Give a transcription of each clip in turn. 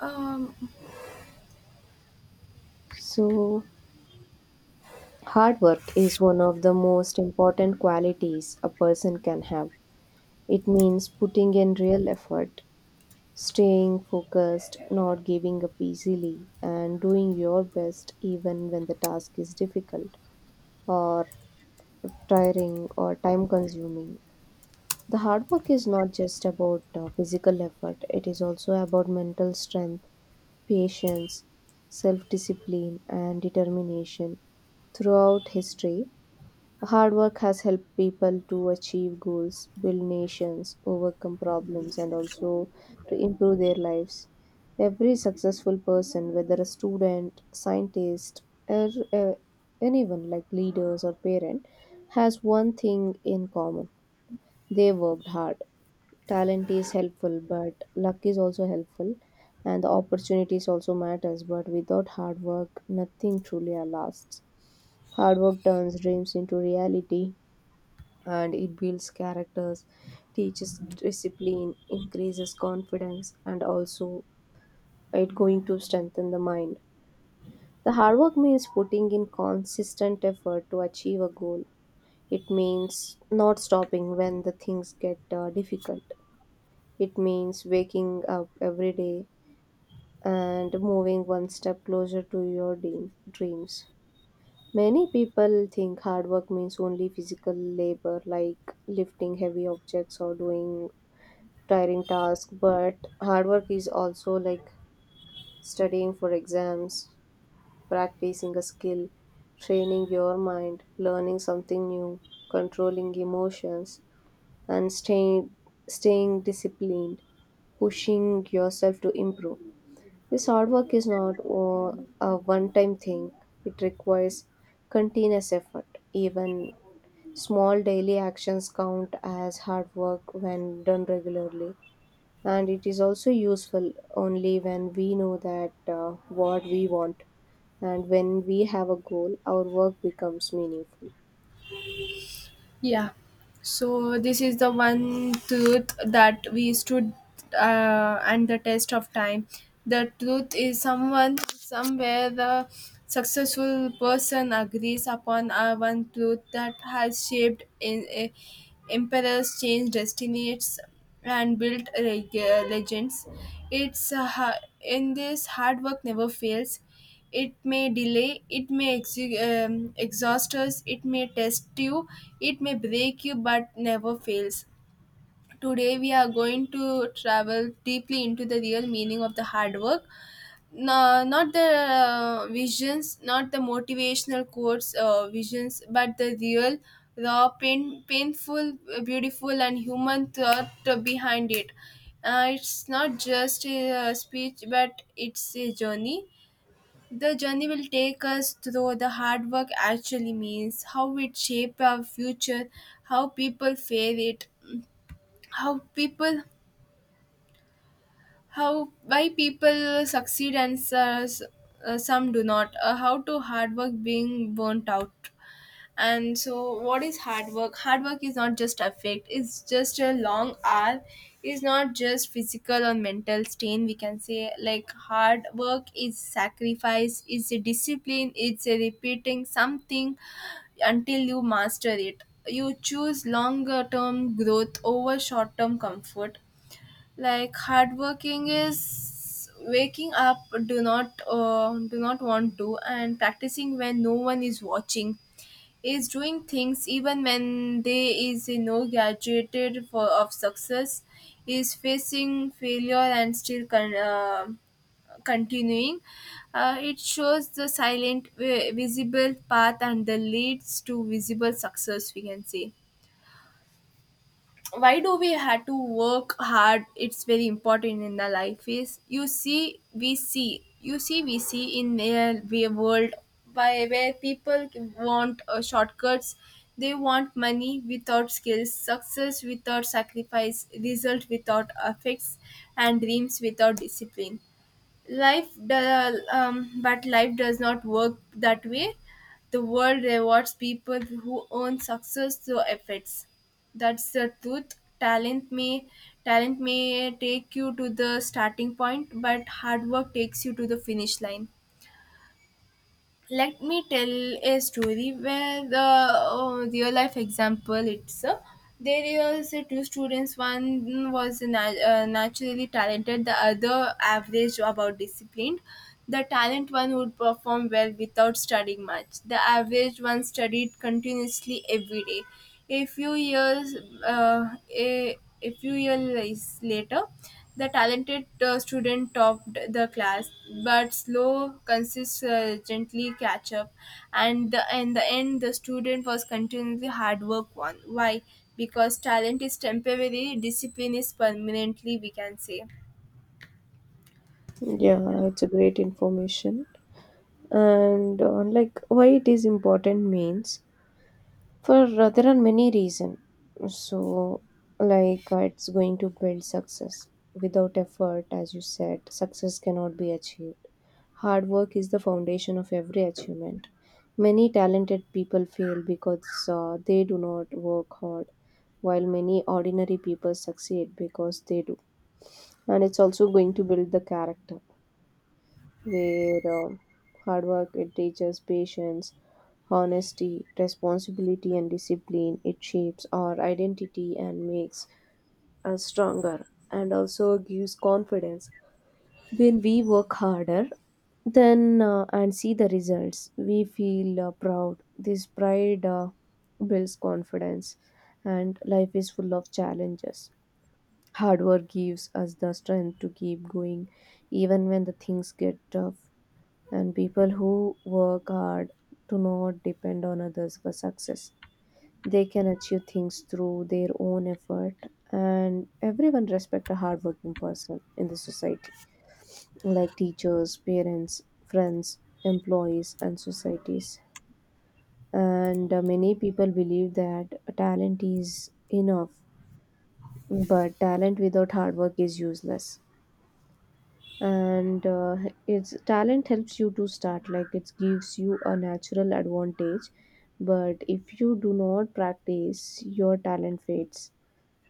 Um, So, hard work is one of the most important qualities a person can have. It means putting in real effort, staying focused, not giving up easily, and doing your best even when the task is difficult or tiring or time consuming. The hard work is not just about physical effort. It is also about mental strength, patience, self discipline, and determination. Throughout history, hard work has helped people to achieve goals, build nations, overcome problems, and also to improve their lives. Every successful person, whether a student, scientist, or anyone like leaders or parent, has one thing in common, they worked hard. Talent is helpful, but luck is also helpful, and the opportunities also matters. But without hard work, nothing truly lasts. Hard work turns dreams into reality, and it builds characters, teaches discipline, increases confidence, and also it going to strengthen the mind. The hard work means putting in consistent effort to achieve a goal. It means not stopping when the things get difficult. It means waking up every day and moving one step closer to your dreams. Many people think hard work means only physical labor like lifting heavy objects or doing tiring task, but hard work is also like studying for exams, practicing a skill, training your mind, learning something new, controlling emotions, and staying disciplined, pushing yourself to improve. This hard work is not a one-time thing. It requires continuous effort. Even small daily actions count as hard work when done regularly, and it is also useful only when we know that what we want. And when we have a goal, our work becomes meaningful. yeah. So this is the one truth that we stood and the test of time. The truth is someone somewhere the successful person agrees upon a one truth that has shaped emperors, changed destinies, and built legends. It's in this hard work never fails. It may delay, it may exhaust us, it may test you, it may break you, but never fails. Today, we are going to travel deeply into the real meaning of the hard work. No, not the visions, not the motivational quotes, visions, but the real, raw, pain, painful, beautiful, and human thought behind it. It's not just a speech, but it's a journey the journey will take us through the hard work actually means, how it shapes our future, how people fare it, how people, how why people succeed and some do not, how to hard work being burnt out. And so, what is hard work? Hard work is not just effect, it's just a long hour, it's not just physical or mental strain. We can say, like, hard work is sacrifice, it's a discipline, it's a repeating something until you master it. You choose longer term growth over short term comfort. Like, hard working is waking up do not want to and practicing when no one is watching is doing things even when there is no graduated for of success is facing failure and still continuing it shows the silent visible path and the leads to visible success, we can say. Why do we have to work hard? It's very important in the life. Is you see we see you see we see in a world by where people want shortcuts. They want money without skills, success without sacrifice, result without effects, and dreams without discipline. But life does not work that way. The world rewards people who earn success through efforts. That's the truth. Talent may take you to the starting point but hard work takes you to the finish line. Let me tell a story where the real life example. It's There is two students, one was naturally talented, the other average about disciplined. The talent one would perform well without studying much, the average one studied continuously every day. A few years, a few years later, the talented student topped the class, but slow consistently catch up, and in the end, the student was continually hard work won. Why? Because talent is temporary, discipline is permanently. We can say. Yeah. Yeah, it's a great information. And like, why it is important means, for there are many reasons. So, like, it's going to build success. Without effort, as you said, success cannot be achieved. Hard work is the foundation of every achievement. Many talented people fail because they do not work hard, while many ordinary people succeed because they do. And it's also going to build the character, where hard work, it teaches patience, honesty, responsibility, and discipline. It shapes our identity and makes us stronger, and also gives confidence. When we work harder, then and see the results, we feel proud. This pride builds confidence, and life is full of challenges. Hard work gives us the strength to keep going, even when the things get tough. And people who work hard do not depend on others for success. They can achieve things through their own effort, and everyone respect a hardworking person in the society, like teachers, parents, friends, employees, and societies. And many people believe that talent is enough, but talent without hard work is useless. And it's talent helps you to start, like it gives you a natural advantage, but if you do not practice, your talent fades.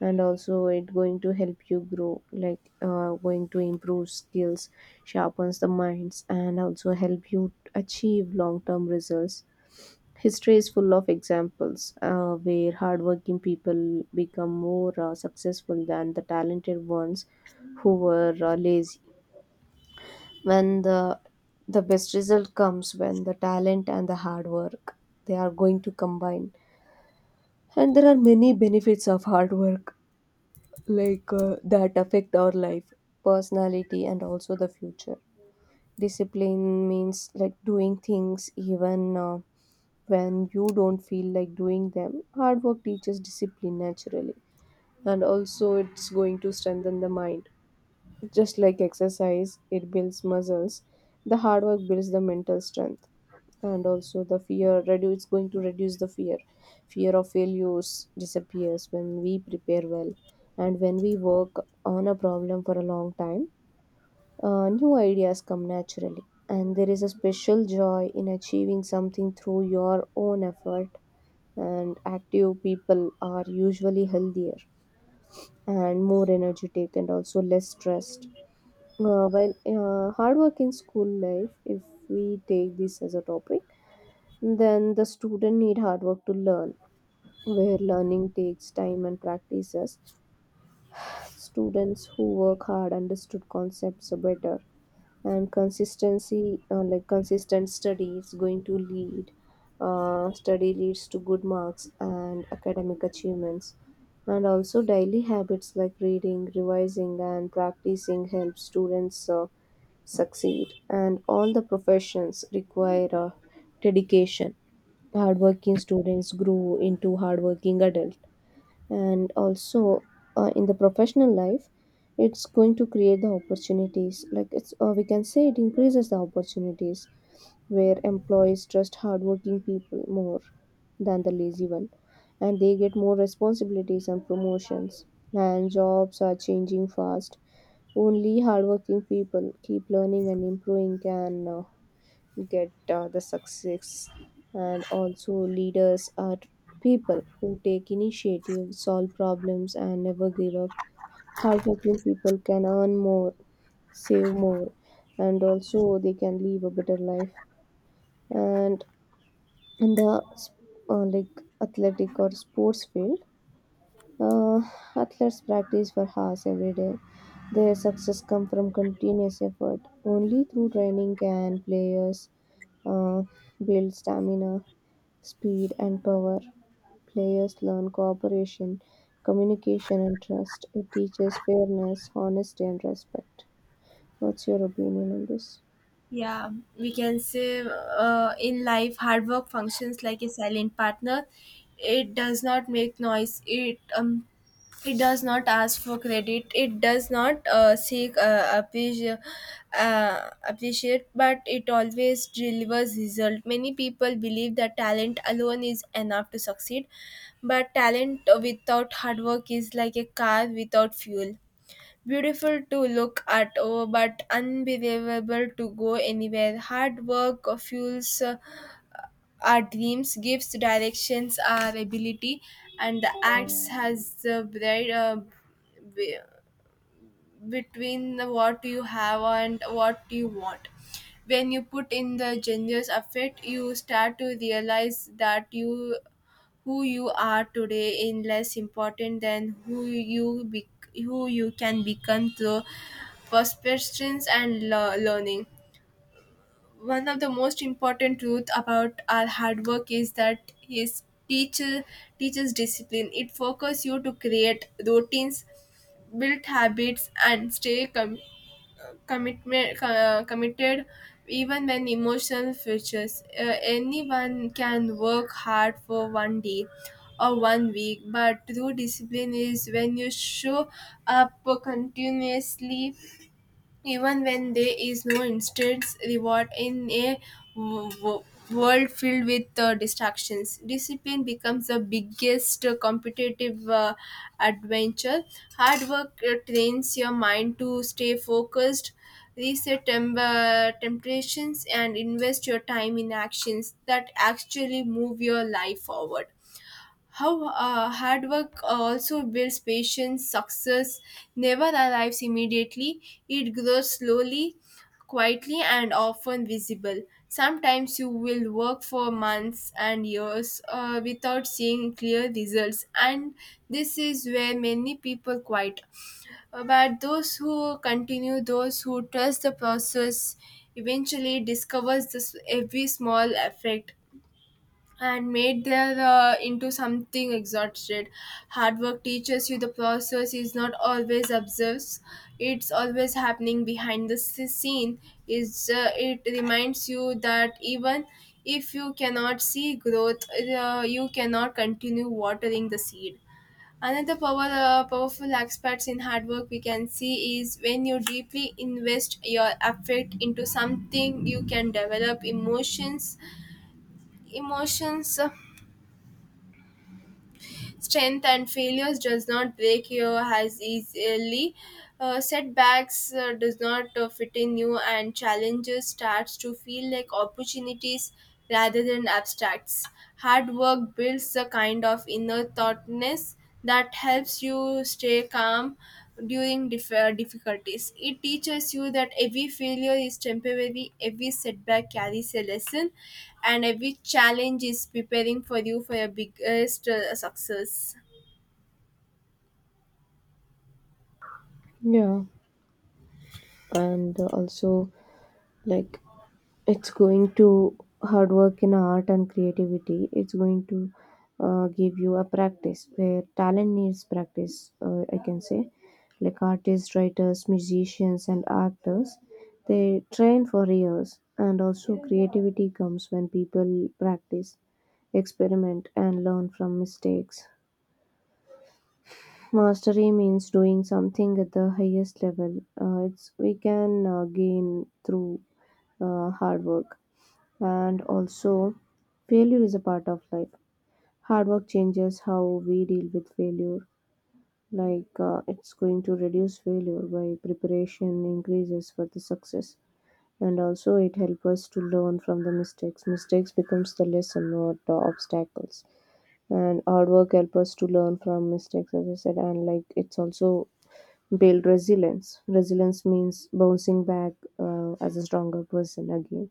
And also it going to help you grow, like going to improve skills, sharpens the minds, and also help you achieve long term results. History is full of examples where hardworking people become more successful than the talented ones who were lazy. When the best result comes, when the talent and the hard work, they are going to combine. And there are many benefits of hard work, like that affect our life, personality, and also the future. Discipline means like doing things even when you don't feel like doing them. Hard work teaches discipline naturally, and also it's going to strengthen the mind. Just like exercise it builds muscles, the hard work builds the mental strength. And also the fear reduce, it's going to reduce the fear. Fear of failures disappears when we prepare well, and when we work on a problem for a long time, new ideas come naturally. And there is a special joy in achieving something through your own effort. And active people are usually healthier and more energetic, and also less stressed. Hard work in school life, if we take this as a topic, then the student need hard work to learn, where learning takes time and practices. Students who work hard understood concepts better, and consistency like consistent study is going to lead study leads to good marks and academic achievements. And also daily habits like reading, revising, and practicing help students succeed. And all the professions require dedication. Hardworking students grew into hardworking adult. And also, in the professional life, it's going to create the opportunities, like it's we can say it increases the opportunities, where employees trust hardworking people more than the lazy one, and they get more responsibilities and promotions. And jobs are changing fast, only hardworking people keep learning and improving can get the success. And also leaders are people who take initiative, solve problems, and never give up. Hardworking people can earn more, save more, and also they can live a better life. And in the like athletic or sports field, uh, athletes practice for hours every day. Their success comes from continuous effort. Only through training can players uh, build stamina, speed, and power. Players learn cooperation, communication, and trust. It teaches fairness, honesty, and respect. What's your opinion on this? Yeah, we can say in life, hard work functions like a silent partner. It does not make noise. It does not ask for credit. It does not seek appreciate, but it always delivers result. Many people believe that talent alone is enough to succeed, but talent without hard work is like a car without fuel. Beautiful to look at, oh, but unbelievable to go anywhere. Hard work fuels our dreams, gives directions our ability, and the acts has the bread be- between what you have and what you want. When you put in the generous effort, you start to realize that you who you are today is less important than who you be, who you can become through perseverance and learning. One of the most important truth about our hard work is that is teacher teaches discipline. It focuses you to create routines, build habits, and stay committed even when emotional features. Anyone can work hard for one day or one week, but true discipline is when you show up continuously even when there is no instant reward in a w- w- world filled with distractions. Discipline becomes the biggest competitive adventure. Hard work trains your mind to stay focused, reset temptations, and invest your time in actions that actually move your life forward. How hard work also builds patience, success never arrives immediately. It grows slowly, quietly, and often visible. Sometimes you will work for months and years without seeing clear results, and this is where many people quit. But those who continue, those who trust the process, eventually discovers this every small effect and made there into something exhausted. Hard work teaches you the process is not always observed; it's always happening behind the scene. Is it reminds you that even if you cannot see growth, you cannot continue watering the seed. Another powerful aspect in hard work we can see is when you deeply invest your effort into something, you can develop emotions. Emotions. Strength and failures does not break you as easily, setbacks does not fit in you, and challenges starts to feel like opportunities rather than abstracts. Hard work builds a kind of inner thoughtness that helps you stay calm during difficulties. It teaches you that every failure is temporary, every setback carries a lesson, and every challenge is preparing for you for your biggest success. Yeah. And also, like, it's going to hard work in art and creativity, it's going to give you a practice, where talent needs practice. I can say like artists, writers, musicians, and actors, they train for years. And also creativity comes when people practice, experiment, and learn from mistakes. Mastery means doing something at the highest level. It's we can gain through hard work. And also, failure is a part of life. Hard work changes how we deal with failure, like it's going to reduce failure by preparation, increases for the success. And also, it helps us to learn from the mistakes. Mistakes becomes the lesson, not the obstacles. And hard work helps us to learn from mistakes, as I said. And like, it's also build resilience. Resilience means bouncing back as a stronger person again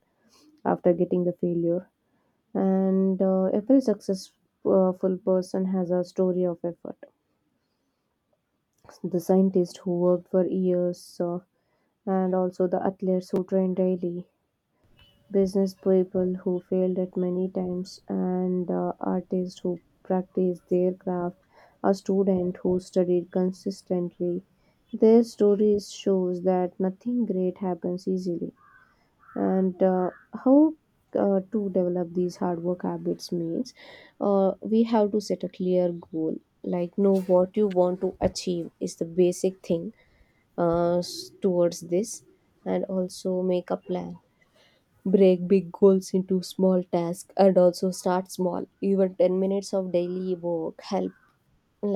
after getting the failure. And every successful person has a story of effort. The scientist who worked for years, and also the athletes who trained daily, business people who failed at many times, and artists who practiced their craft, a student who studied consistently. Their stories shows that nothing great happens easily. And how to develop these hard work habits means, we have to set a clear goal, like know what you want to achieve is the basic thing towards this. And also make a plan, break big goals into small tasks. And also start small, even 10 minutes of daily work help,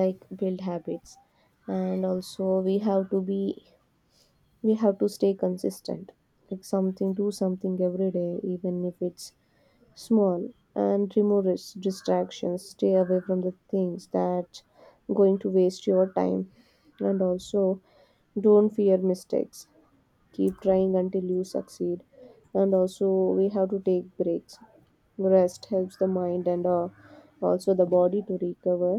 like build habits. And also we have to be, we have to stay consistent, like something do something every day, even if it's small. And remove its distractions, stay away from the things that going to waste your time. And also, don't fear mistakes, keep trying until you succeed. And also, we have to take breaks. Rest helps the mind and also the body to recover.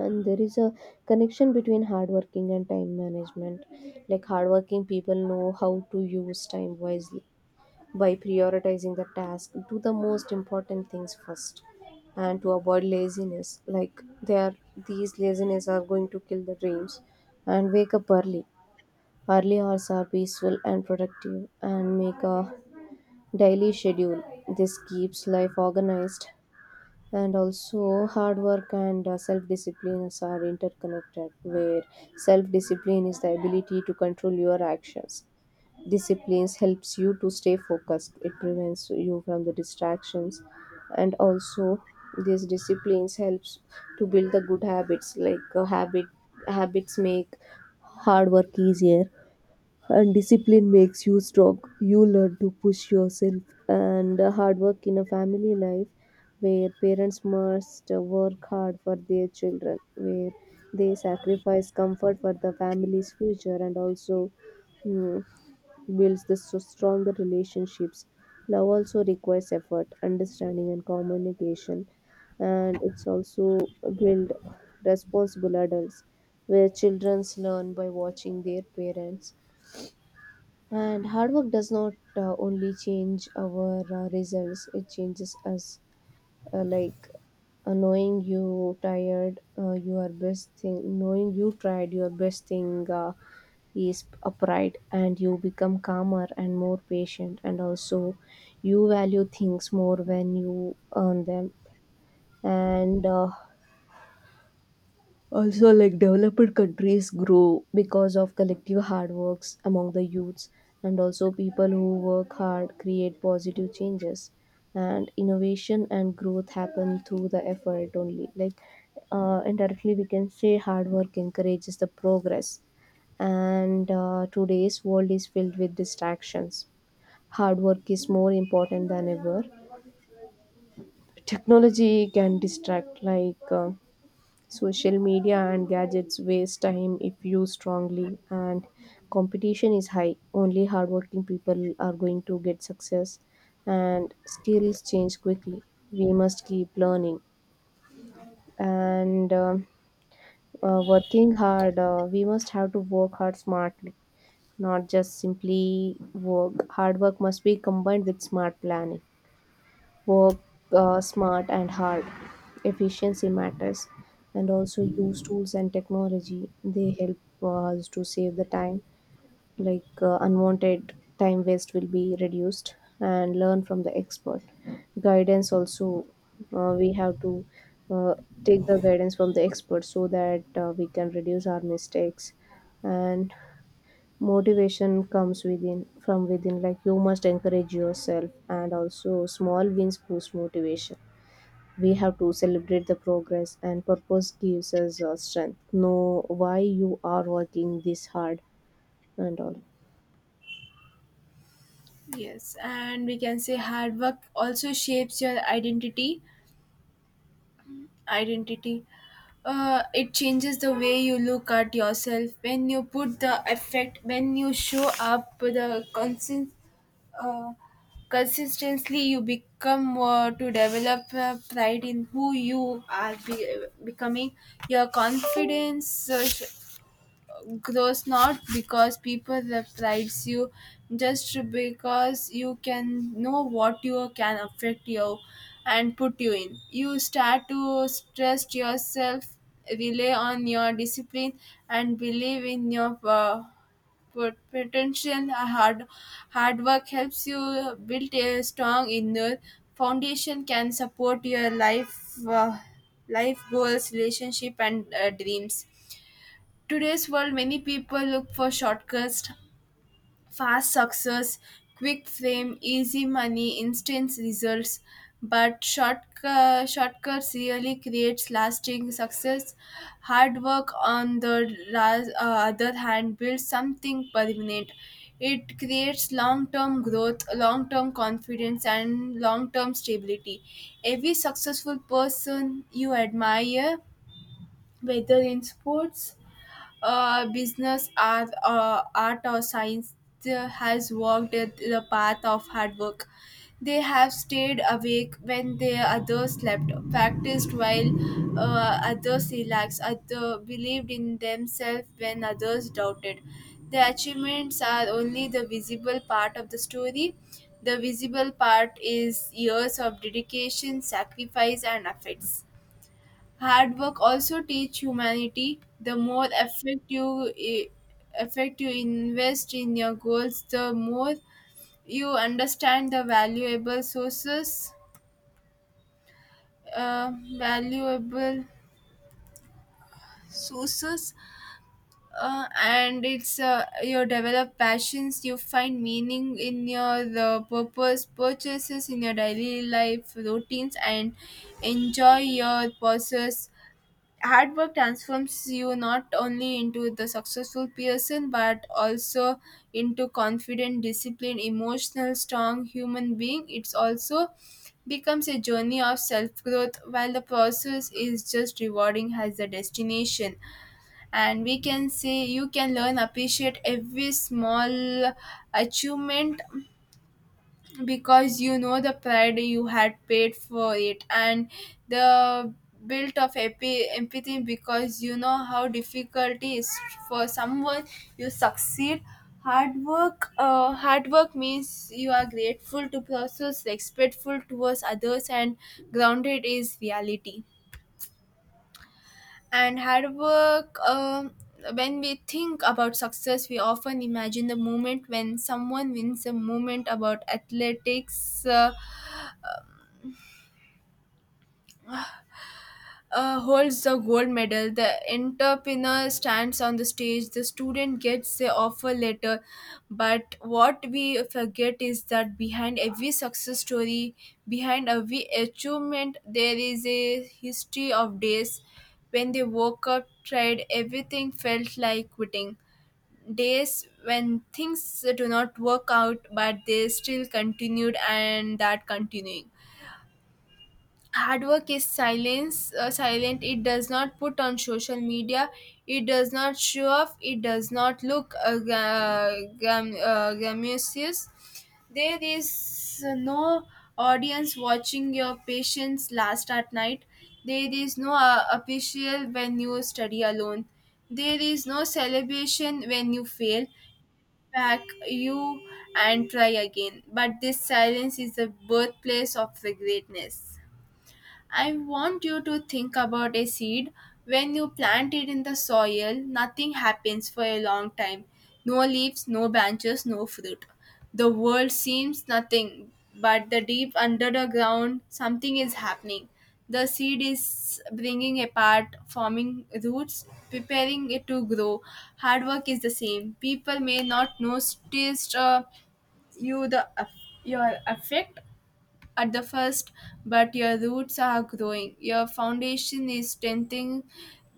And there is a connection between hardworking and time management, like hardworking people know how to use time wisely by prioritizing the task, do the most important things first. And to avoid laziness, like they are, these laziness are going to kill the dreams. And wake up early, early hours are peaceful and productive. And make a daily schedule, this keeps life organized. And also, hard work and self disciplines are interconnected, where self discipline is the ability to control your actions. Disciplines helps you to stay focused, it prevents you from the distractions. And also, these disciplines helps to build the good habits, like habits make hard work easier. And discipline makes you strong, you learn to push yourself. And hard work in a family life, where parents must work hard for their children, where they sacrifice comfort for the family's future. And also, mm, builds the so stronger relationships. Love also requires effort, understanding, and communication. And it's also build responsible adults, where children learn by watching their parents. And hard work does not only change our results, it changes us. Like knowing you tired, your best thing, Knowing you tried your best thing is upright, and you become calmer and more patient. And also, you value things more when you earn them. And also, like, developed countries grow because of collective hard works among the youths, and also people who work hard create positive changes. And innovation and growth happen through the effort only. Like, indirectly, we can say hard work encourages the progress. And today's world is filled with distractions. Hard work is more important than ever. Technology can distract, like. Social media and gadgets waste time if used strongly, and competition is high. Only hardworking people are going to get success, and skills change quickly. We must keep learning and working hard. We must have to work hard smartly, not just simply work. Hard work must be combined with smart planning work, smart and hard. Efficiency matters, and also use tools and technology. They help us to save the time, unwanted time waste will be reduced, and learn from the expert. Guidance also, we have to uh, take the guidance from the expert so that we can reduce our mistakes. And motivation comes within from within, like, you must encourage yourself, and also small wins boost motivation. We have to celebrate the progress, and purpose gives us strength, know why you are working this hard and all. Yes, and we can say hard work also shapes your identity. Identity. It changes the way you look at yourself. When you put the effect, when you show up with the constant uh, consistently, you become to develop pride in who you are becoming. Your confidence grows not because people prides you, just because you can know what you can affect you and put you in. You start to trust yourself, rely on your discipline, and believe in your but potential. Hard work helps you build a strong inner foundation can support your life, uh, life goals, relationship, and dreams. Today's world many people look for shortcuts. Fast success, quick fame, easy money, instant results, but shortcuts really creates lasting success. Hard work, on the other hand, builds something permanent. It creates long term growth, long term confidence, and long term stability. Every successful person you admire, whether in sports, business, art or science has walked at the path of hard work. They have stayed awake when the others slept, practiced while others relaxed, other believed in themselves when others doubted. The achievements are only the visible part of the story. The visible part is years of dedication, sacrifice, and efforts. Hard work also teach humanity. The more effort you invest in your goals, the more you understand the uh, valuable sources, and it's you develop passions. You find meaning in your purpose, purchases in your daily life routines, and enjoy your process. Hard work transforms you not only into the successful person but also into confident, disciplined, emotional strong human being. It's also becomes a journey of self growth while the process is just rewarding as the destination. And we can say you can learn appreciate every small achievement because you know the pride you had paid for it, and the built of empathy because you know how difficult it is for someone you succeed. Hard work means you are grateful to process, respectful towards others, and grounded is reality. And hard work When we think about success we often imagine the moment when someone wins, a moment about athletics holds the gold medal. The entrepreneur stands on the stage. The student gets the offer letter. But what we forget is that behind every success story, behind every achievement, there is a history of days when they woke up, tried everything, felt like quitting. Days when things do not work out, but they still continued, and that continuing hard work is silence silent. It does not put on social media, it does not show off, it does not look glamorous. There is no audience watching your patients last at night, there is no official when you study alone, there is no celebration when you fail back you and try again, but this silence is the birthplace of the greatness. I want you to think about a seed. When you plant it in the soil, nothing happens for a long time. No leaves, no branches, no fruit. The world seems nothing, but the deep under the ground, something is happening. The seed is bringing apart, forming roots, preparing it to grow. Hard work is the same. People may not notice you the your effect, at the first, but your roots are growing. Your foundation is strengthening.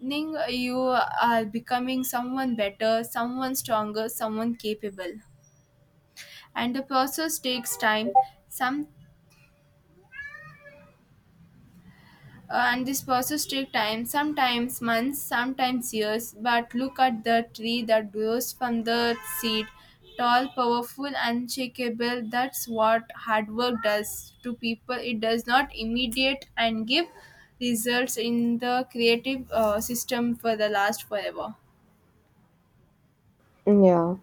You are becoming someone better, someone stronger, someone capable. And the process takes time. Some and this process takes time, sometimes months, sometimes years. But look at the tree that grows from the seed, tall, powerful, unshakable. That's what hard work does to people. It does not immediate and give results in the creative system for the last forever. Yeah,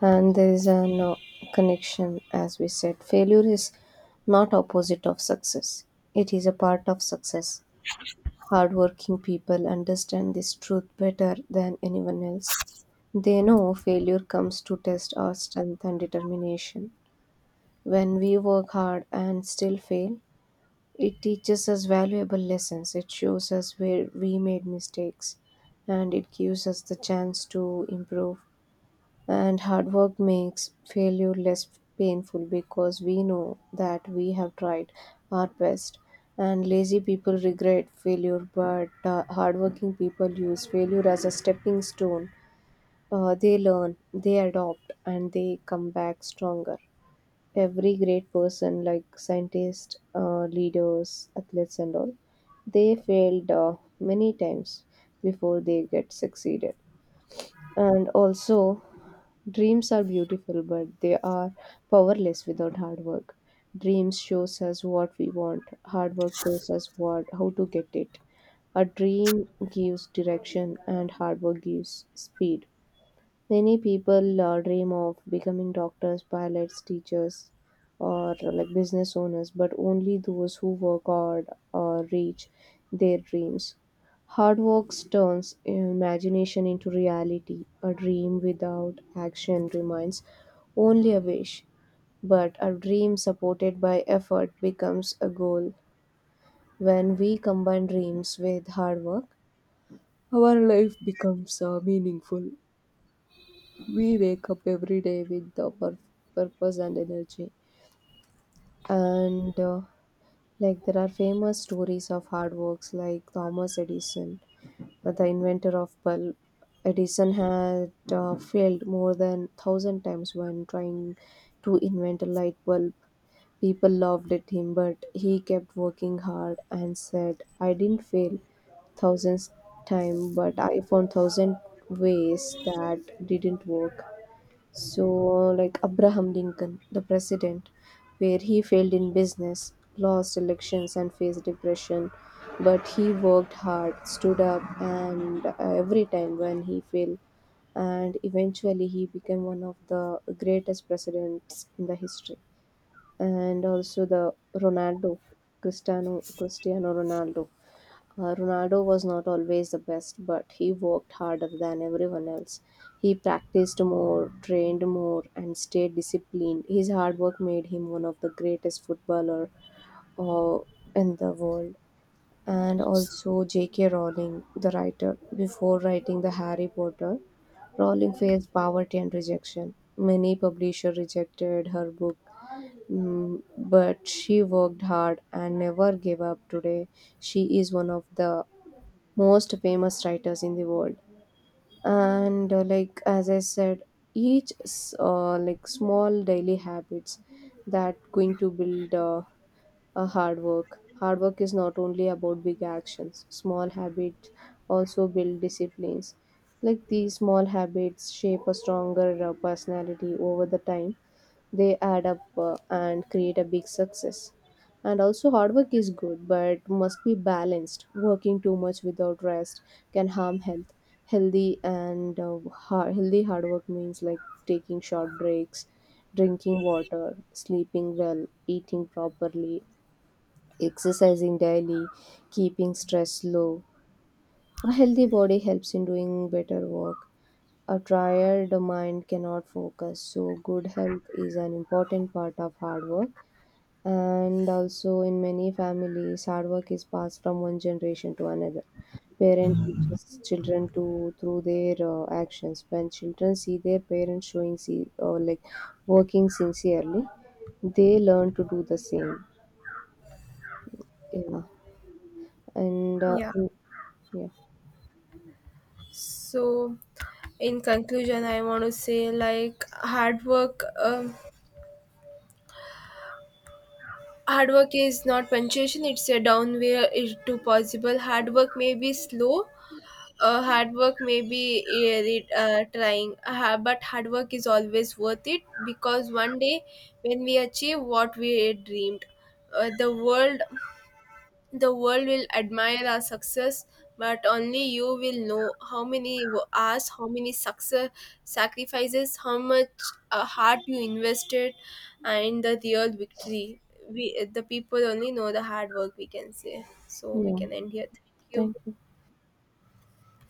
and there is a no connection, as we said, failure is not opposite of success, it is a part of success. Hardworking people understand this truth better than anyone else. They know failure comes to test our strength and determination. When we work hard and still fail, it teaches us valuable lessons, it shows us where we made mistakes, and it gives us the chance to improve. And hard work makes failure less painful because we know that we have tried our best. And lazy people regret failure, but hardworking people use failure as a stepping stone. They learn, they adopt, and they come back stronger. Every great person, like scientists, leaders, athletes, and all, they failed many times before they get succeeded. And also, dreams are beautiful, but they are powerless without hard work. Dreams shows us what we want, hard work shows us what how to get it. A dream gives direction, and hard work gives speed. Many people dream of becoming doctors, pilots, teachers, or like business owners, but only those who work hard or reach their dreams. Hard work turns imagination into reality. A dream without action remains only a wish, but a dream supported by effort becomes a goal. When we combine dreams with hard work, our life becomes meaningful. We wake up every day with the purpose and energy. And like, there are famous stories of hard works like Thomas Edison, the inventor of bulb. Edison had failed more than thousand times when trying to invent a light bulb. People laughed at him, but he kept working hard and said, "I didn't fail thousands time, but I found thousand ways that didn't work." So, like Abraham Lincoln, the president, where he failed in business, lost elections, and faced depression. But he worked hard, stood up, and every time when he failed, and eventually he became one of the greatest presidents in the history. And also the Ronaldo, Cristiano Ronaldo. Ronaldo was not always the best, but he worked harder than everyone else. He practiced more, trained more, and stayed disciplined. His hard work made him one of the greatest footballer uh, in the world. And also J.K. Rowling, the writer, before writing the Harry Potter, Rowling faced poverty and rejection. Many publishers rejected her book, but she worked hard and never gave up. Today, she is one of the most famous writers in the world. And like, as I said, each like small daily habits that going to build a hard work. Hard work is not only about big actions, small habits also build disciplines. Like, these small habits shape a stronger personality over the time. They add up and create a big success. And also, hard work is good but must be balanced. Working too much without rest can harm health. Healthy hard work means like taking short breaks, drinking water, sleeping well, eating properly, exercising daily, keeping stress low. A healthy body helps in doing better work. A tired mind cannot focus. So, good health is an important part of hard work. And also, in many families, hard work is passed from one generation to another. Parent teaches children to through their actions. When children see their parents showing, see, like working sincerely, they learn to do the same. Yeah, and Yeah. yeah, So, in conclusion, I want to say like hard work. Hard work is not punctuation, it's a down way to possible. Hard work may be slow, hard work may be trying, but hard work is always worth it because one day when we achieve what we dreamed, uh, the world the world will admire our success, but only you will know how many hours, how many success sacrifices, how much heart you invested, and the real victory. We, the people only know the hard work. We can say so. We yeah. can end here. Thank you. Thank you.